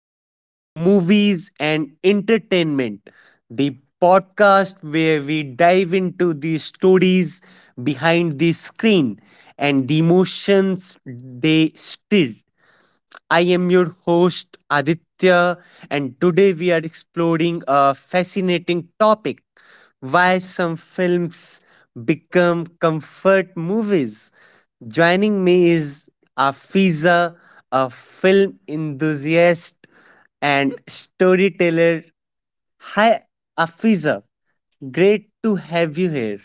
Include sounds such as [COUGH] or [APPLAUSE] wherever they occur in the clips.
of movies and entertainment. The podcast where we dive into the stories behind the screen and the emotions they stir. I am your host Aditya, and today we are exploring a fascinating topic: why some films become comfort movies. Joining me is Afiza, a film enthusiast and storyteller. Hi, Afiza, great to have you here.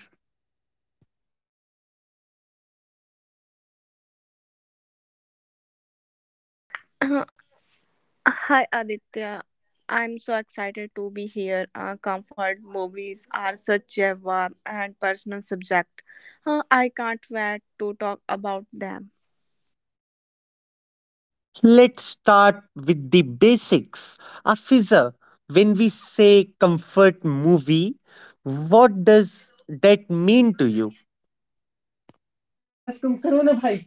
Uh, Hi Aditya, I'm so excited to be here. Comfort movies are such a warm and personal subject. I can't wait to talk about them. Let's start with the basics. Afiza, when we say comfort movie, what does that mean to you? आवाज कम करो ना भाई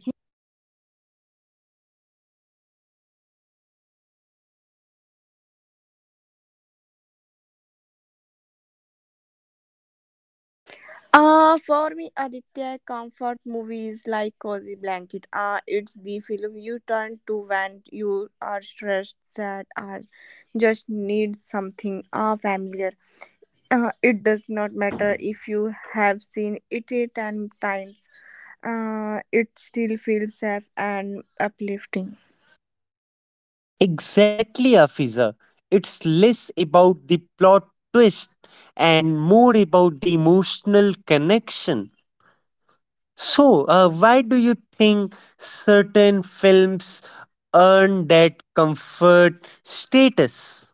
For me, Aditya, comfort movies like Cozy Blanket. It's the film you turn to when you are stressed, sad, or just need something familiar. It does not matter if you have seen it 10 times. It still feels safe and uplifting. Exactly, Afiza. It's less about the plot twist and more about the emotional connection. So, why do you think certain films earn that comfort status?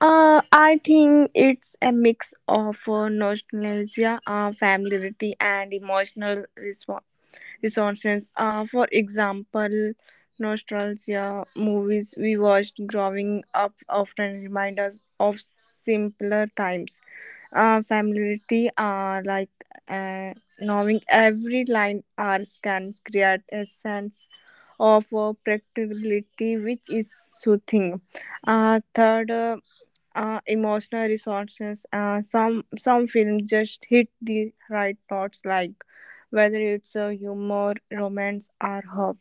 I think it's a mix of nostalgia, familiarity, and emotional response. Resources. For example, nostalgia movies we watched growing up often remind us of simpler times. Familiarity, like uh, knowing every line or can create a sense of predictability, which is soothing. Third. Emotional resources. Some films just hit the right notes, like whether it's a humor, romance, or hope.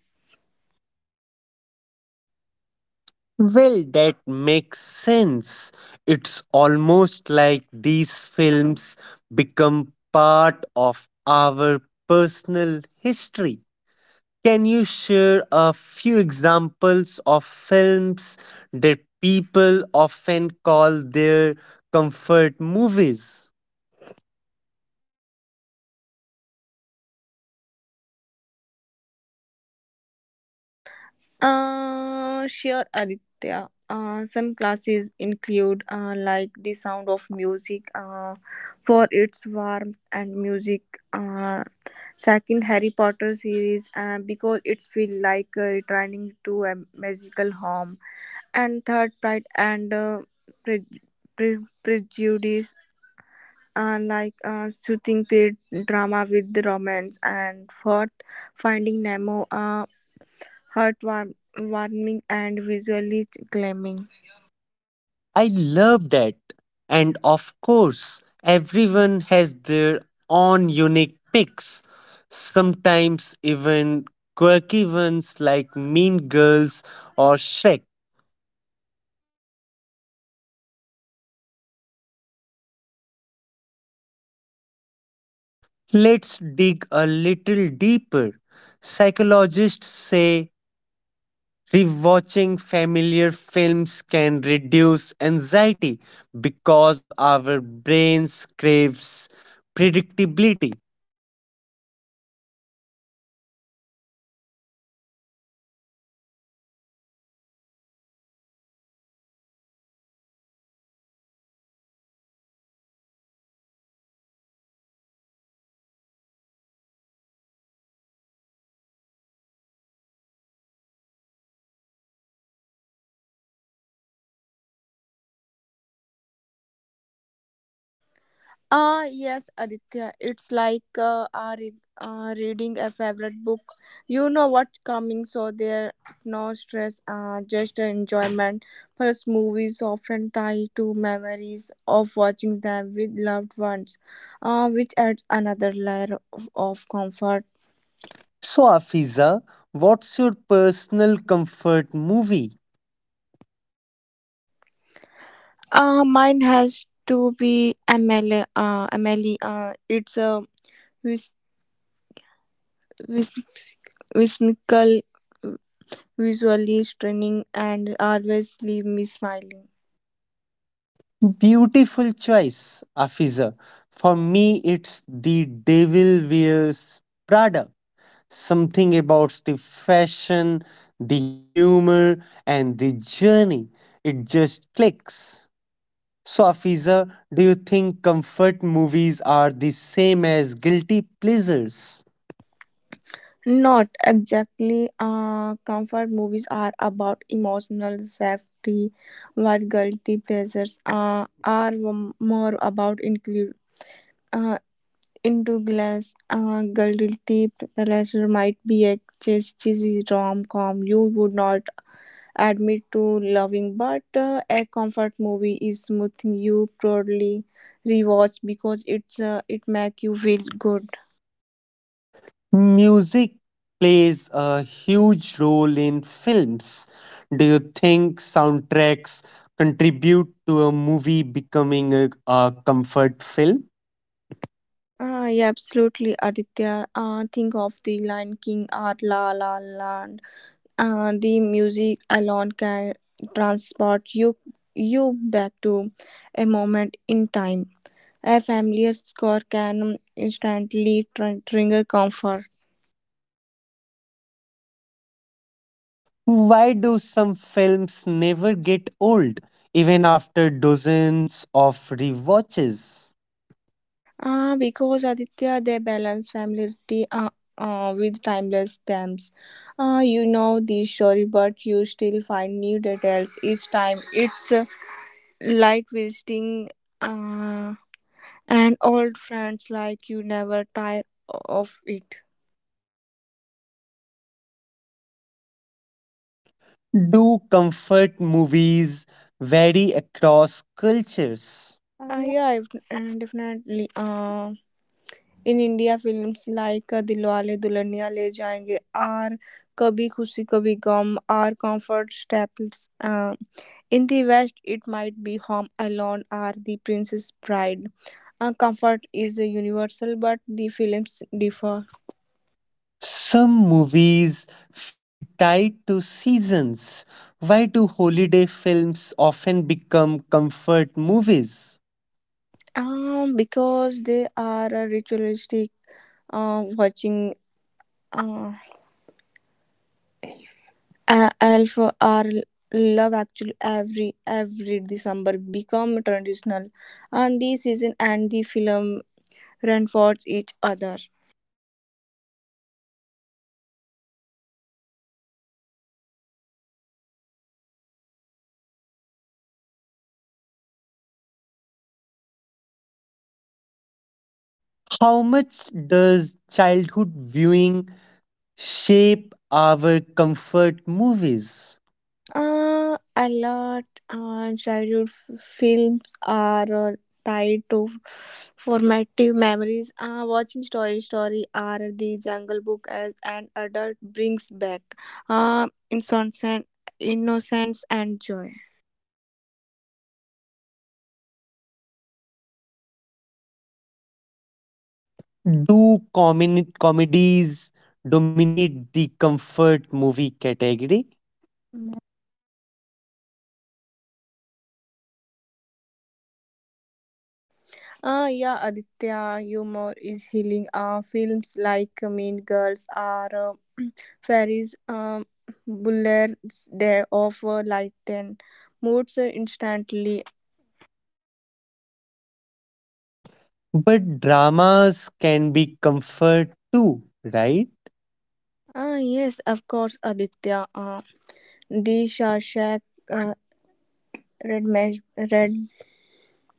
Well, that makes sense. It's almost like these films become part of our personal history. Can you share a few examples of films that people often call their comfort movies? Sure, Aditya. Some classes include like the sound of music for its warmth and music. Uh, Second, Harry Potter series because it feels like returning to a magical home and third pride and pre- prejudice like shooting period drama with the romance and fourth finding nemo, heartwarming and visually claiming. I love that. And of course, everyone has their own unique picks, sometimes even quirky ones like Mean Girls or Shrek. Let's dig a little deeper. Psychologists say rewatching familiar films can reduce anxiety because our brains craves predictability. Ah, yes, Aditya. It's like reading a favorite book. You know what's coming, so there no stress, just the enjoyment. Plus, movies often tie to memories of watching them with loved ones, which adds another layer of comfort. So, Afiza, what's your personal comfort movie? Mine has to be Amelie. Amelie. It's a whis- whis- whimsical, visually stunning and always leave me smiling. Beautiful choice, Afiza. For me, it's The Devil Wears Prada. Something about the fashion, the humor, and the journey. It just clicks. So, Afiza, do you think comfort movies are the same as guilty pleasures? Not exactly. Comfort movies are about emotional safety, while guilty pleasures are more about include. Uh, into glass, guilty pleasure might be a cheesy rom com you would not admit to loving, but a comfort movie is something you proudly rewatch because it make you feel good. Music plays a huge role in films. Do you think soundtracks contribute to a movie becoming a comfort film? Ah, yeah, absolutely, Aditya. Think of the Lion King or La La Land. The music alone can transport you back to a moment in time. A familiar score can instantly trigger comfort. Why do some films never get old, even after dozens of rewatches? Because Aditya, they balance familiarity with timeless themes. You know the story, but you still find new details each time. It's like visiting uh, an old friends like you never tire of it. Do comfort movies vary across cultures? Yeah if, and definitely in india films like dilwale Dulhania le jayenge are kabhi khushi kabhi gum are comfort staples, in the west it might be home alone or the princess bride. Comfort is a universal but the films differ. Some movies feel tied to seasons. Why do holiday films often become comfort movies? Because they are a ritualistic, watching uh, Alpha or Love Actually every December become traditional, and the season and the film reinforce each other. How much does childhood viewing shape our comfort movies? A lot, childhood films are tied to formative memories. Watching Toy Story or The Jungle Book as an adult brings back uh, innocence, innocence and joy. Do comedies dominate the comfort movie category? Yeah, Aditya, humor is healing. Films like Mean Girls or Fairies, Buller's Day of Light and moods instantly. But dramas can be comfort too, right? Ah, yes, of course, Aditya. The Shawshank uh, Red, Mesh, Red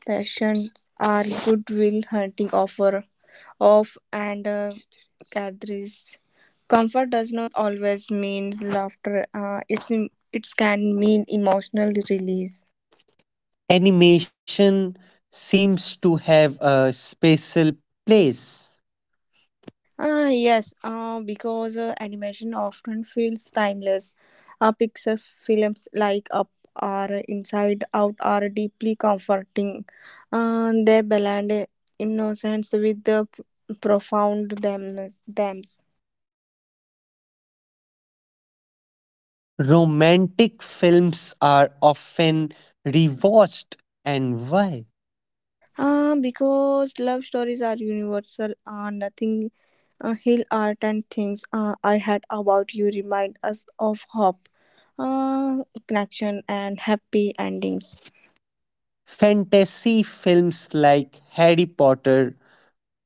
Passion are goodwill hunting offer of and gatherings. Comfort does not always mean laughter. It can mean emotional release. Animation seems to have a special place. Ah, yes, because animation often feels timeless. Pixar films like Up or Inside Out are deeply comforting. They blend innocence with the p- profound themness. Themes. Romantic films are often rewatched, and why? Because love stories are universal, nothing heal art and things I had about you remind us of hope, uh, connection, and happy endings. Fantasy films like Harry Potter,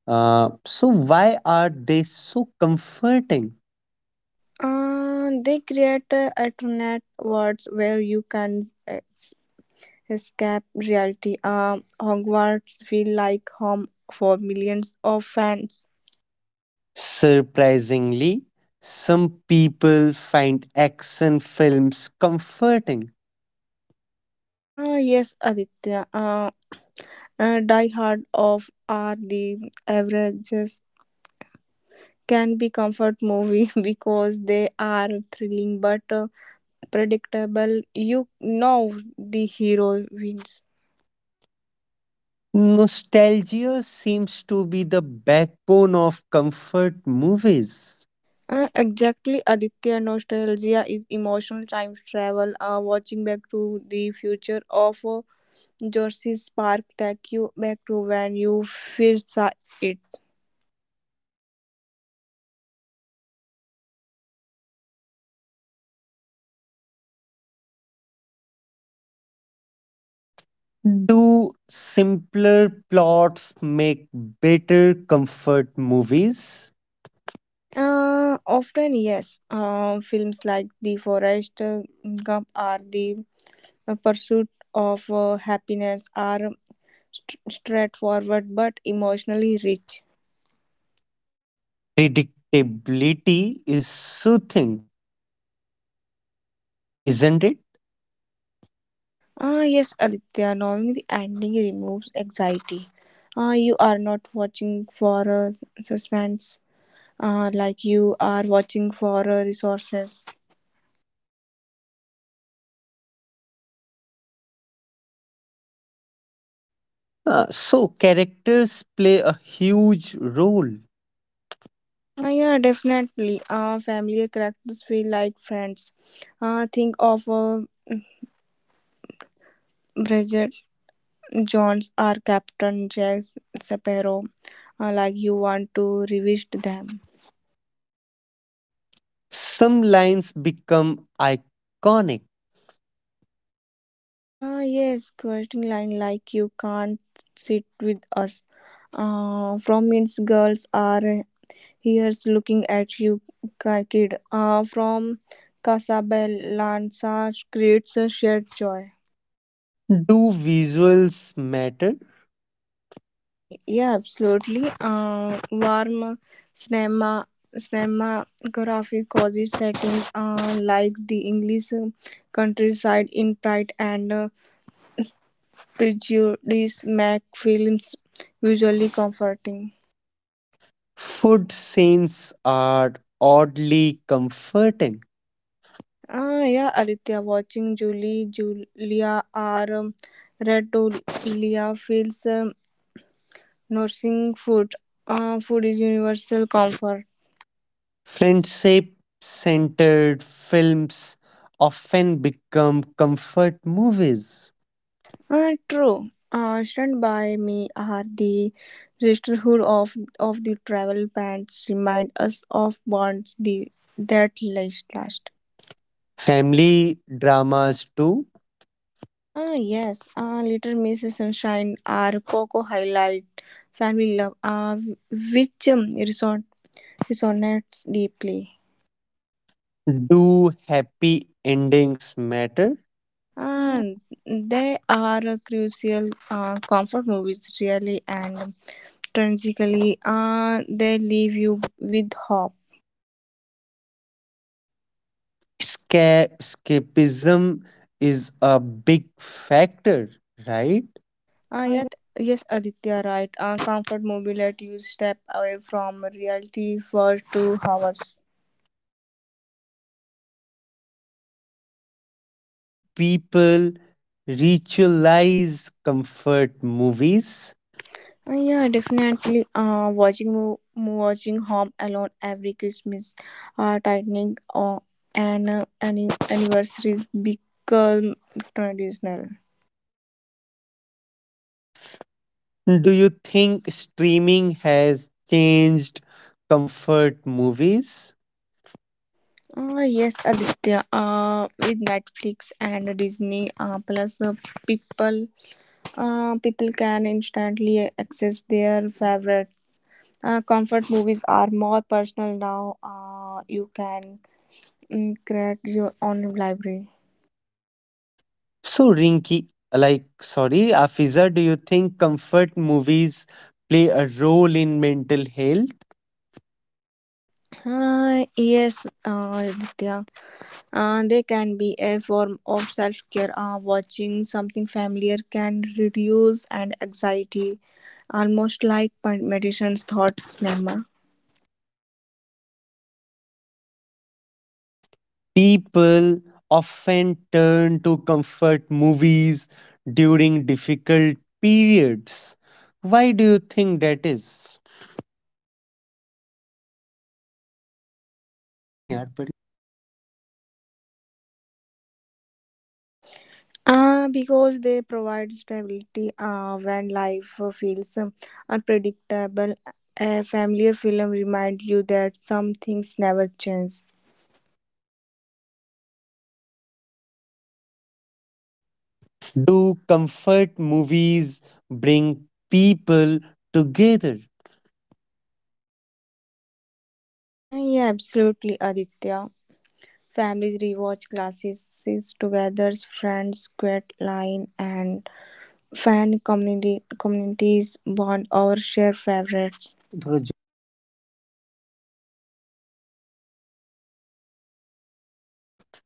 so why are they so comforting? They create alternate worlds where you can escape reality. Hogwarts feel like home for millions of fans. Surprisingly, some people find action films comforting. Ah, yes, Aditya. Die Hard of are the averages can be comfort movie [LAUGHS] because they are thrilling but predictable. You know the hero wins. Nostalgia seems to be the backbone of comfort movies. Exactly, Aditya. Nostalgia is emotional time travel. Watching back to the future of Jersey Park take you back to when you first saw it. Do simpler plots make better comfort movies? Often, yes. Films like The Forest Gump or The Pursuit of Happiness are straightforward but emotionally rich. Predictability is soothing, isn't it? Ah, yes, Aditya, knowing the ending removes anxiety. Ah, you are not watching for a suspense, ah, like you are watching for resources. So, characters play a huge role. Ah, yeah, definitely. Ah, familiar characters feel like friends. Ah, think of Bridget Jones or Captain Jack Sparrow, ah, like you want to revisit them. Some lines become iconic. Ah, yes, quoting line like "You can't sit with us." From its girls are here's looking at you, kid. From Casablanca creates a shared joy. Do visuals matter? Ah, yeah, absolutely. Warm cinema, cinematography cozy settings like the English countryside in Pride and Prejudice make films visually comforting. Food scenes are oddly comforting. Ah, yeah, Aditya, watching Julie, Julia, or Retolia feels nursing food. Food is universal comfort. Friendship centered films often become comfort movies. Ah, true. Stand by me are the sisterhood of the travel pants remind us of bonds the that last. Family dramas, too. Ah yes, ah Little Miss Sunshine are Coco highlight family love ah which resonates deeply. Do happy endings matter? And they are a crucial comfort movies, really and tragically, they leave you with hope. Escapism is a big factor, right? Yes, Aditya, right. Comfort movie let you step away from reality for 2 hours. Do people ritualize comfort movies? Yeah, definitely. Watching Home Alone every Christmas, tightening and anniversaries become traditional. Do you think streaming has changed comfort movies? Yes, Aditya. With Netflix and Disney Plus, people people can instantly access their favorite comfort movies. Are more personal now. You can create your own library. So, Afiza, do you think comfort movies play a role in mental health? Yes, Aditya. They can be a form of self care. Watching something familiar can reduce and anxiety, almost like meditation's thought cinema. People often turn to comfort movies during difficult periods. Why do you think that is? नहीं यार Because they provide stability when life feels unpredictable. A familiar film reminds you that some things never change. Do comfort movies bring people together? Yeah, absolutely, Aditya. Families rewatch classes together, friends, quit line, and fan community communities bond over shared favorites.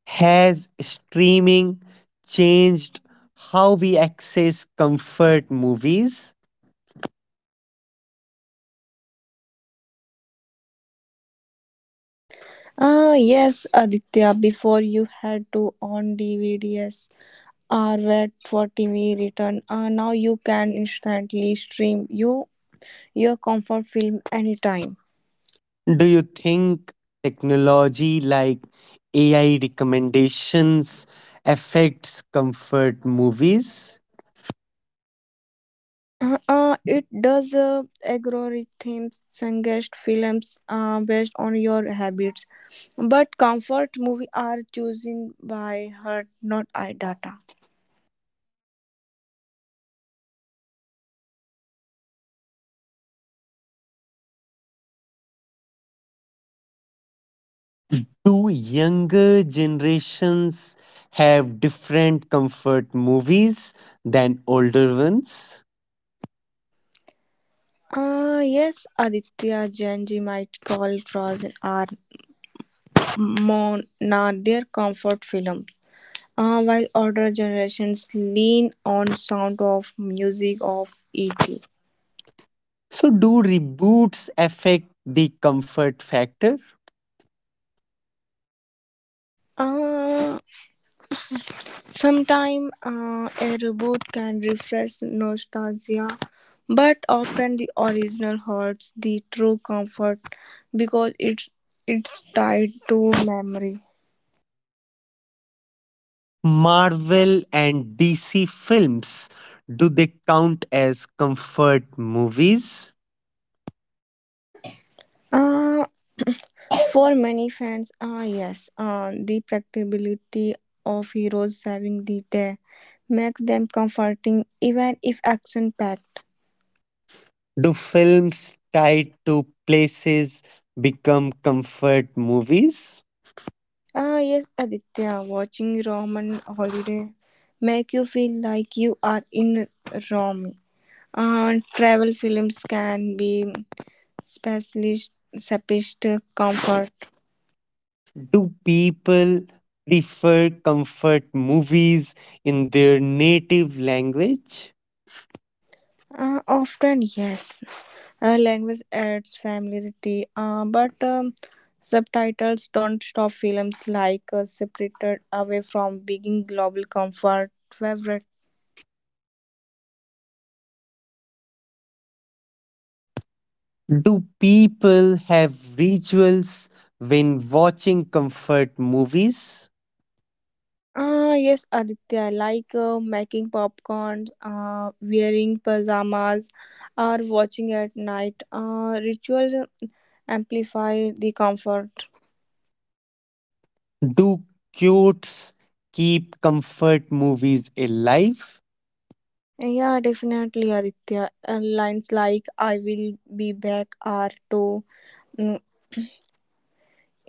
Has streaming changed how we access comfort movies? Ah, yes, Aditya, before you had to own DVDs or wait for TV return. Now you can instantly stream you your comfort film anytime. Do you think technology like AI recommendations affects comfort movies? It does, algorithms suggest films based on your habits, but comfort movie are chosen by heart, not I data. Do younger generations have different comfort movies than older ones? Yes, Aditya Janji might call Frozen or Mona their comfort film. While older generations lean on sound of music of it. So, do reboots affect the comfort factor? Uh, Sometimes a reboot can refresh nostalgia, but often the original hurts the true comfort because it's tied to memory. Marvel and DC films, do they count as comfort movies? Uh, for many fans, yes, the practicability of heroes saving the day makes them comforting, even if action packed. Do films tied to places become comfort movies? Ah, yes, Aditya, watching Roman Holiday make you feel like you are in Rome. Travel films can be specialist, specialist comfort. Do people prefer comfort movies in their native language? Often, yes. Language adds familiarity, but subtitles don't stop films like separated away from being global comfort favorites. Do people have rituals when watching comfort movies? Ah, yes, Aditya, like making popcorn, wearing pajamas, or watching at night. Ritual amplify the comfort. Do quotes keep comfort movies alive? Yeah, definitely, Aditya. Lines like "I will be back" are to mm,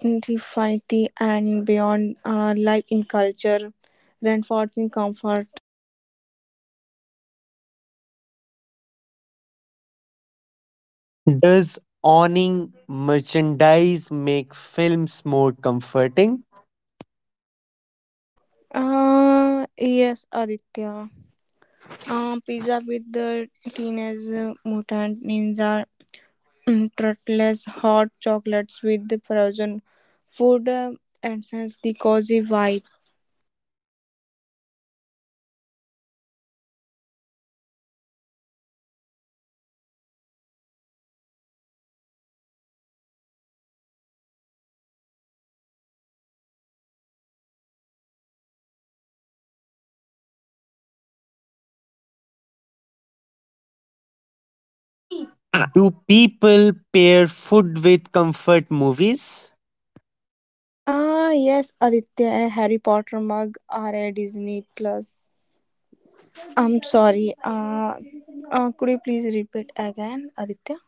infinity and beyond. Life in culture, rainforest. Does owning merchandise make films more comforting? Yes, Aditya. Pizza with the teenage mutant ninja turtles, hot chocolates with the frozen food, and since the cozy vibe. Do people pair food with comfort movies? Ah, yes, Aditya. A Harry Potter mug or a Disney Plus. I'm sorry. Could you please repeat again, Aditya?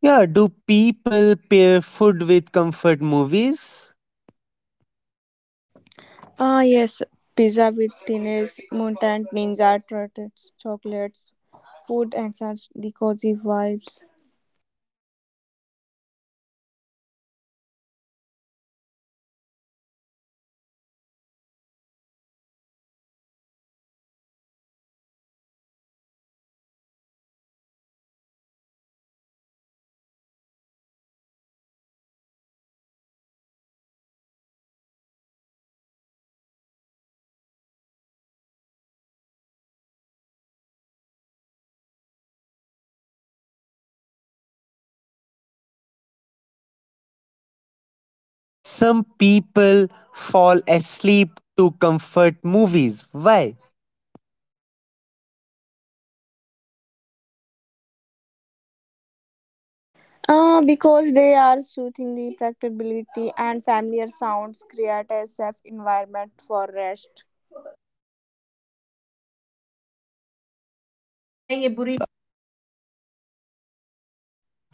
Yeah, do people pair food with comfort movies? Ah, yes, pizza with tines, mutant ninja turtles, chocolates, food answers the cozy vibes. Some people fall asleep to comfort movies. Why? Ah, because they are soothing the practicability and familiar sounds create a safe environment for rest.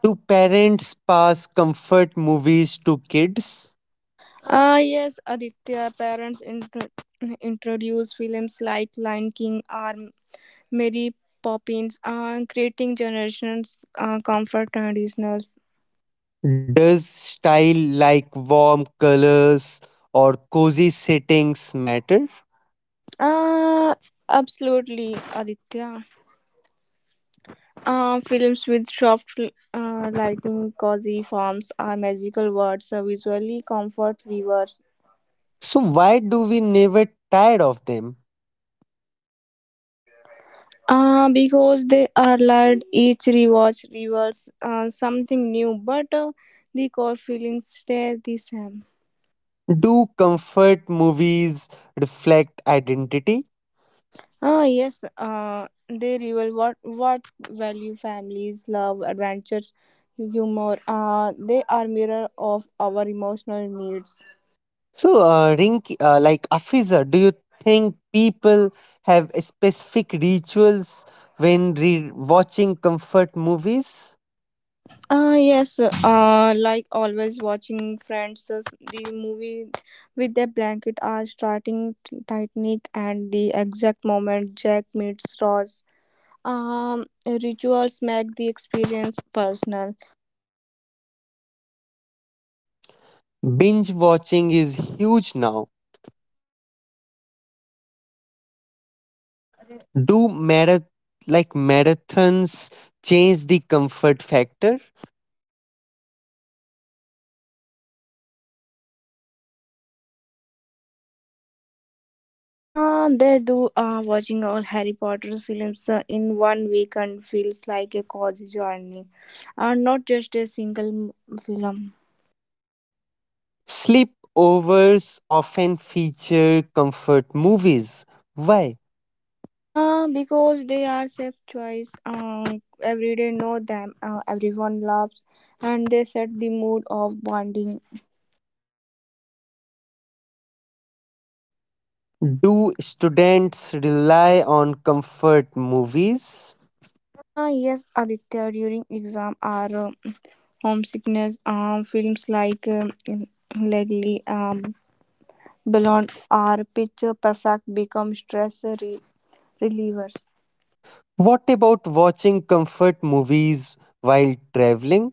Do parents pass comfort movies to kids? Ah, yes, Aditya, parents introduce films like Lion King or Mary Poppins, creating generations comfort traditionals. Does style like warm colors or cozy settings matter? Ah, absolutely, Aditya. Films with soft lighting, cozy forms, are magical words visually comfort viewers. So, why do we never tired of them? Because they are allowed each rewatch reveals something new, but the core feelings stay the same. Do comfort movies reflect identity? Ah, yes, they reveal what value families, love, adventures, humor, they are mirror of our emotional needs. So, Rinki, like Afiza, do you think people have specific rituals when watching comfort movies? Yes, like always watching friends, the movie with their blanket are starting Titanic and the exact moment Jack meets Ross. Rituals make the experience personal. Binge watching is huge now. Do marathons change the comfort factor? They do watching all Harry Potter films in one weekend feels like a cozy journey, not just a single film. Sleepovers often feature comfort movies. Why? Because they are safe choice. Everyday know them. Everyone loves, and they set the mood of bonding. Do students rely on comfort movies? Yes, Aditya. During exam or homesickness, films like Legally, Blonde or Picture Perfect become stress relievers. What about watching comfort movies while traveling?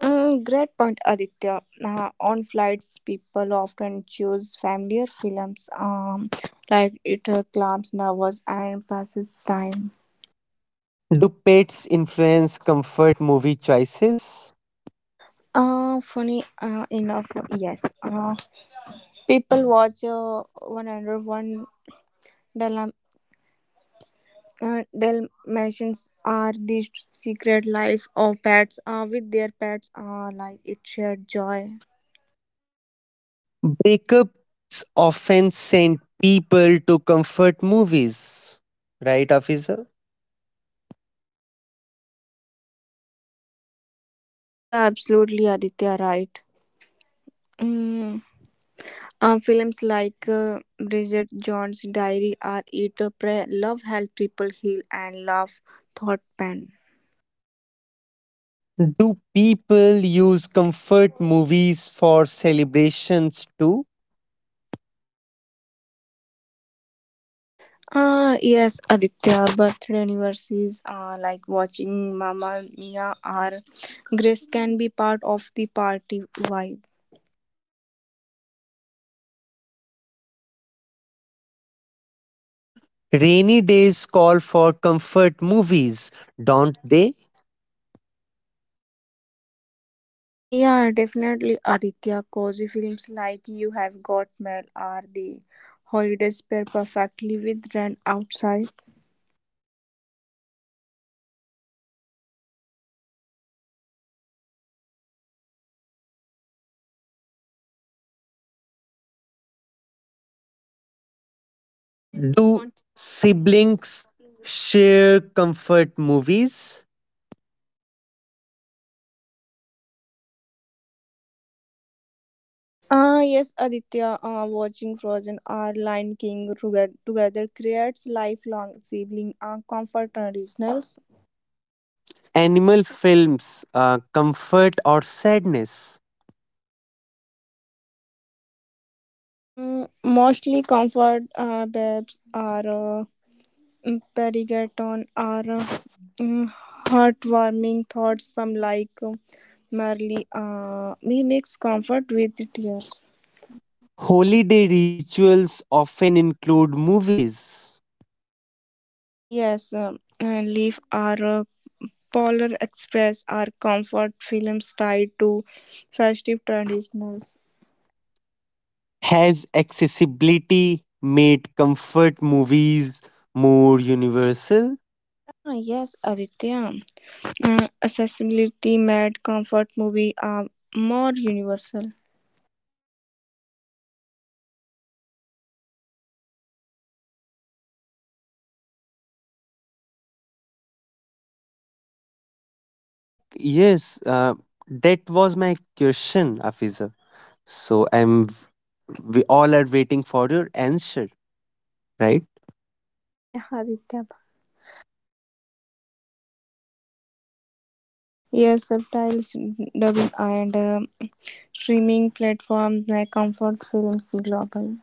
Mm, great point, Aditya. On flights, people often choose familiar films, like it calms nerves and passes time. Do pets influence comfort movie choices? Funny enough, yes. People watch 101 Dalma- Dalmatians are the secret life of pets with their pets like it shared joy. Breakups often send people to comfort movies, right, officer? Yeah, absolutely, Aditya, right. Mm. Films like Bridget Jones' Diary or Eat a Pray Love help people heal and love thought pen. Do people use comfort movies for celebrations too? Yes, Aditya, birthday anniversaries like watching Mamma Mia or Grace can be part of the party vibe. Rainy days call for comfort movies, don't they? Yeah, definitely Aditya. Cozy films like You Have Got Mail or The Holidays pair perfectly with Rent Outside. Do siblings share comfort movies? Ah, yes, Aditya, watching Frozen or Lion King together creates lifelong sibling comfort and regionals. Animal films, comfort or sadness? Mm, mostly comfort babes are perigaton are mm, heartwarming thoughts, some like merely me mix comfort with tears. Holiday rituals often include movies. Yes, and leaf are Polar Express are comfort films tied to festive traditionals. Has accessibility made comfort movies more universal? Ah, yes, Aditya. Accessibility made comfort movie are more universal. So, like, yes, that was my question, Afiza. So, I'm we all are waiting for your answer, right? Ah, yeah, Aditya. Yes, subtitles, dubbing, and streaming platforms make comfort films global.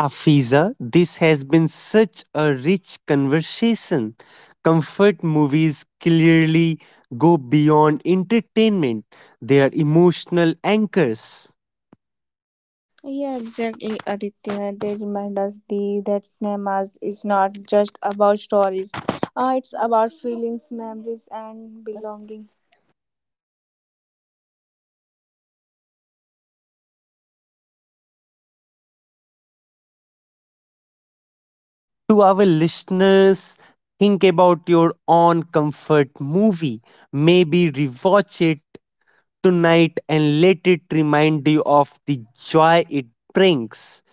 Afiza, this has been such a rich conversation. Comfort movies clearly go beyond entertainment, they are emotional anchors. Yeah, exactly, Aditya. They remind us that cinema is not just about stories. It's about feelings, memories, and belonging. To our listeners: think about your own comfort movie. Maybe rewatch it tonight and let it remind you of the joy it brings.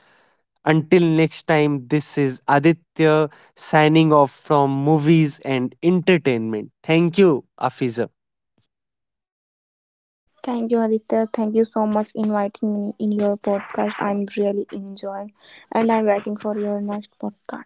Until next time, this is Aditya signing off from movies and entertainment. Thank you, Afiza. Thank you, Aditya. Thank you so much for inviting me in your podcast. I'm really enjoying and I'm waiting for your next podcast.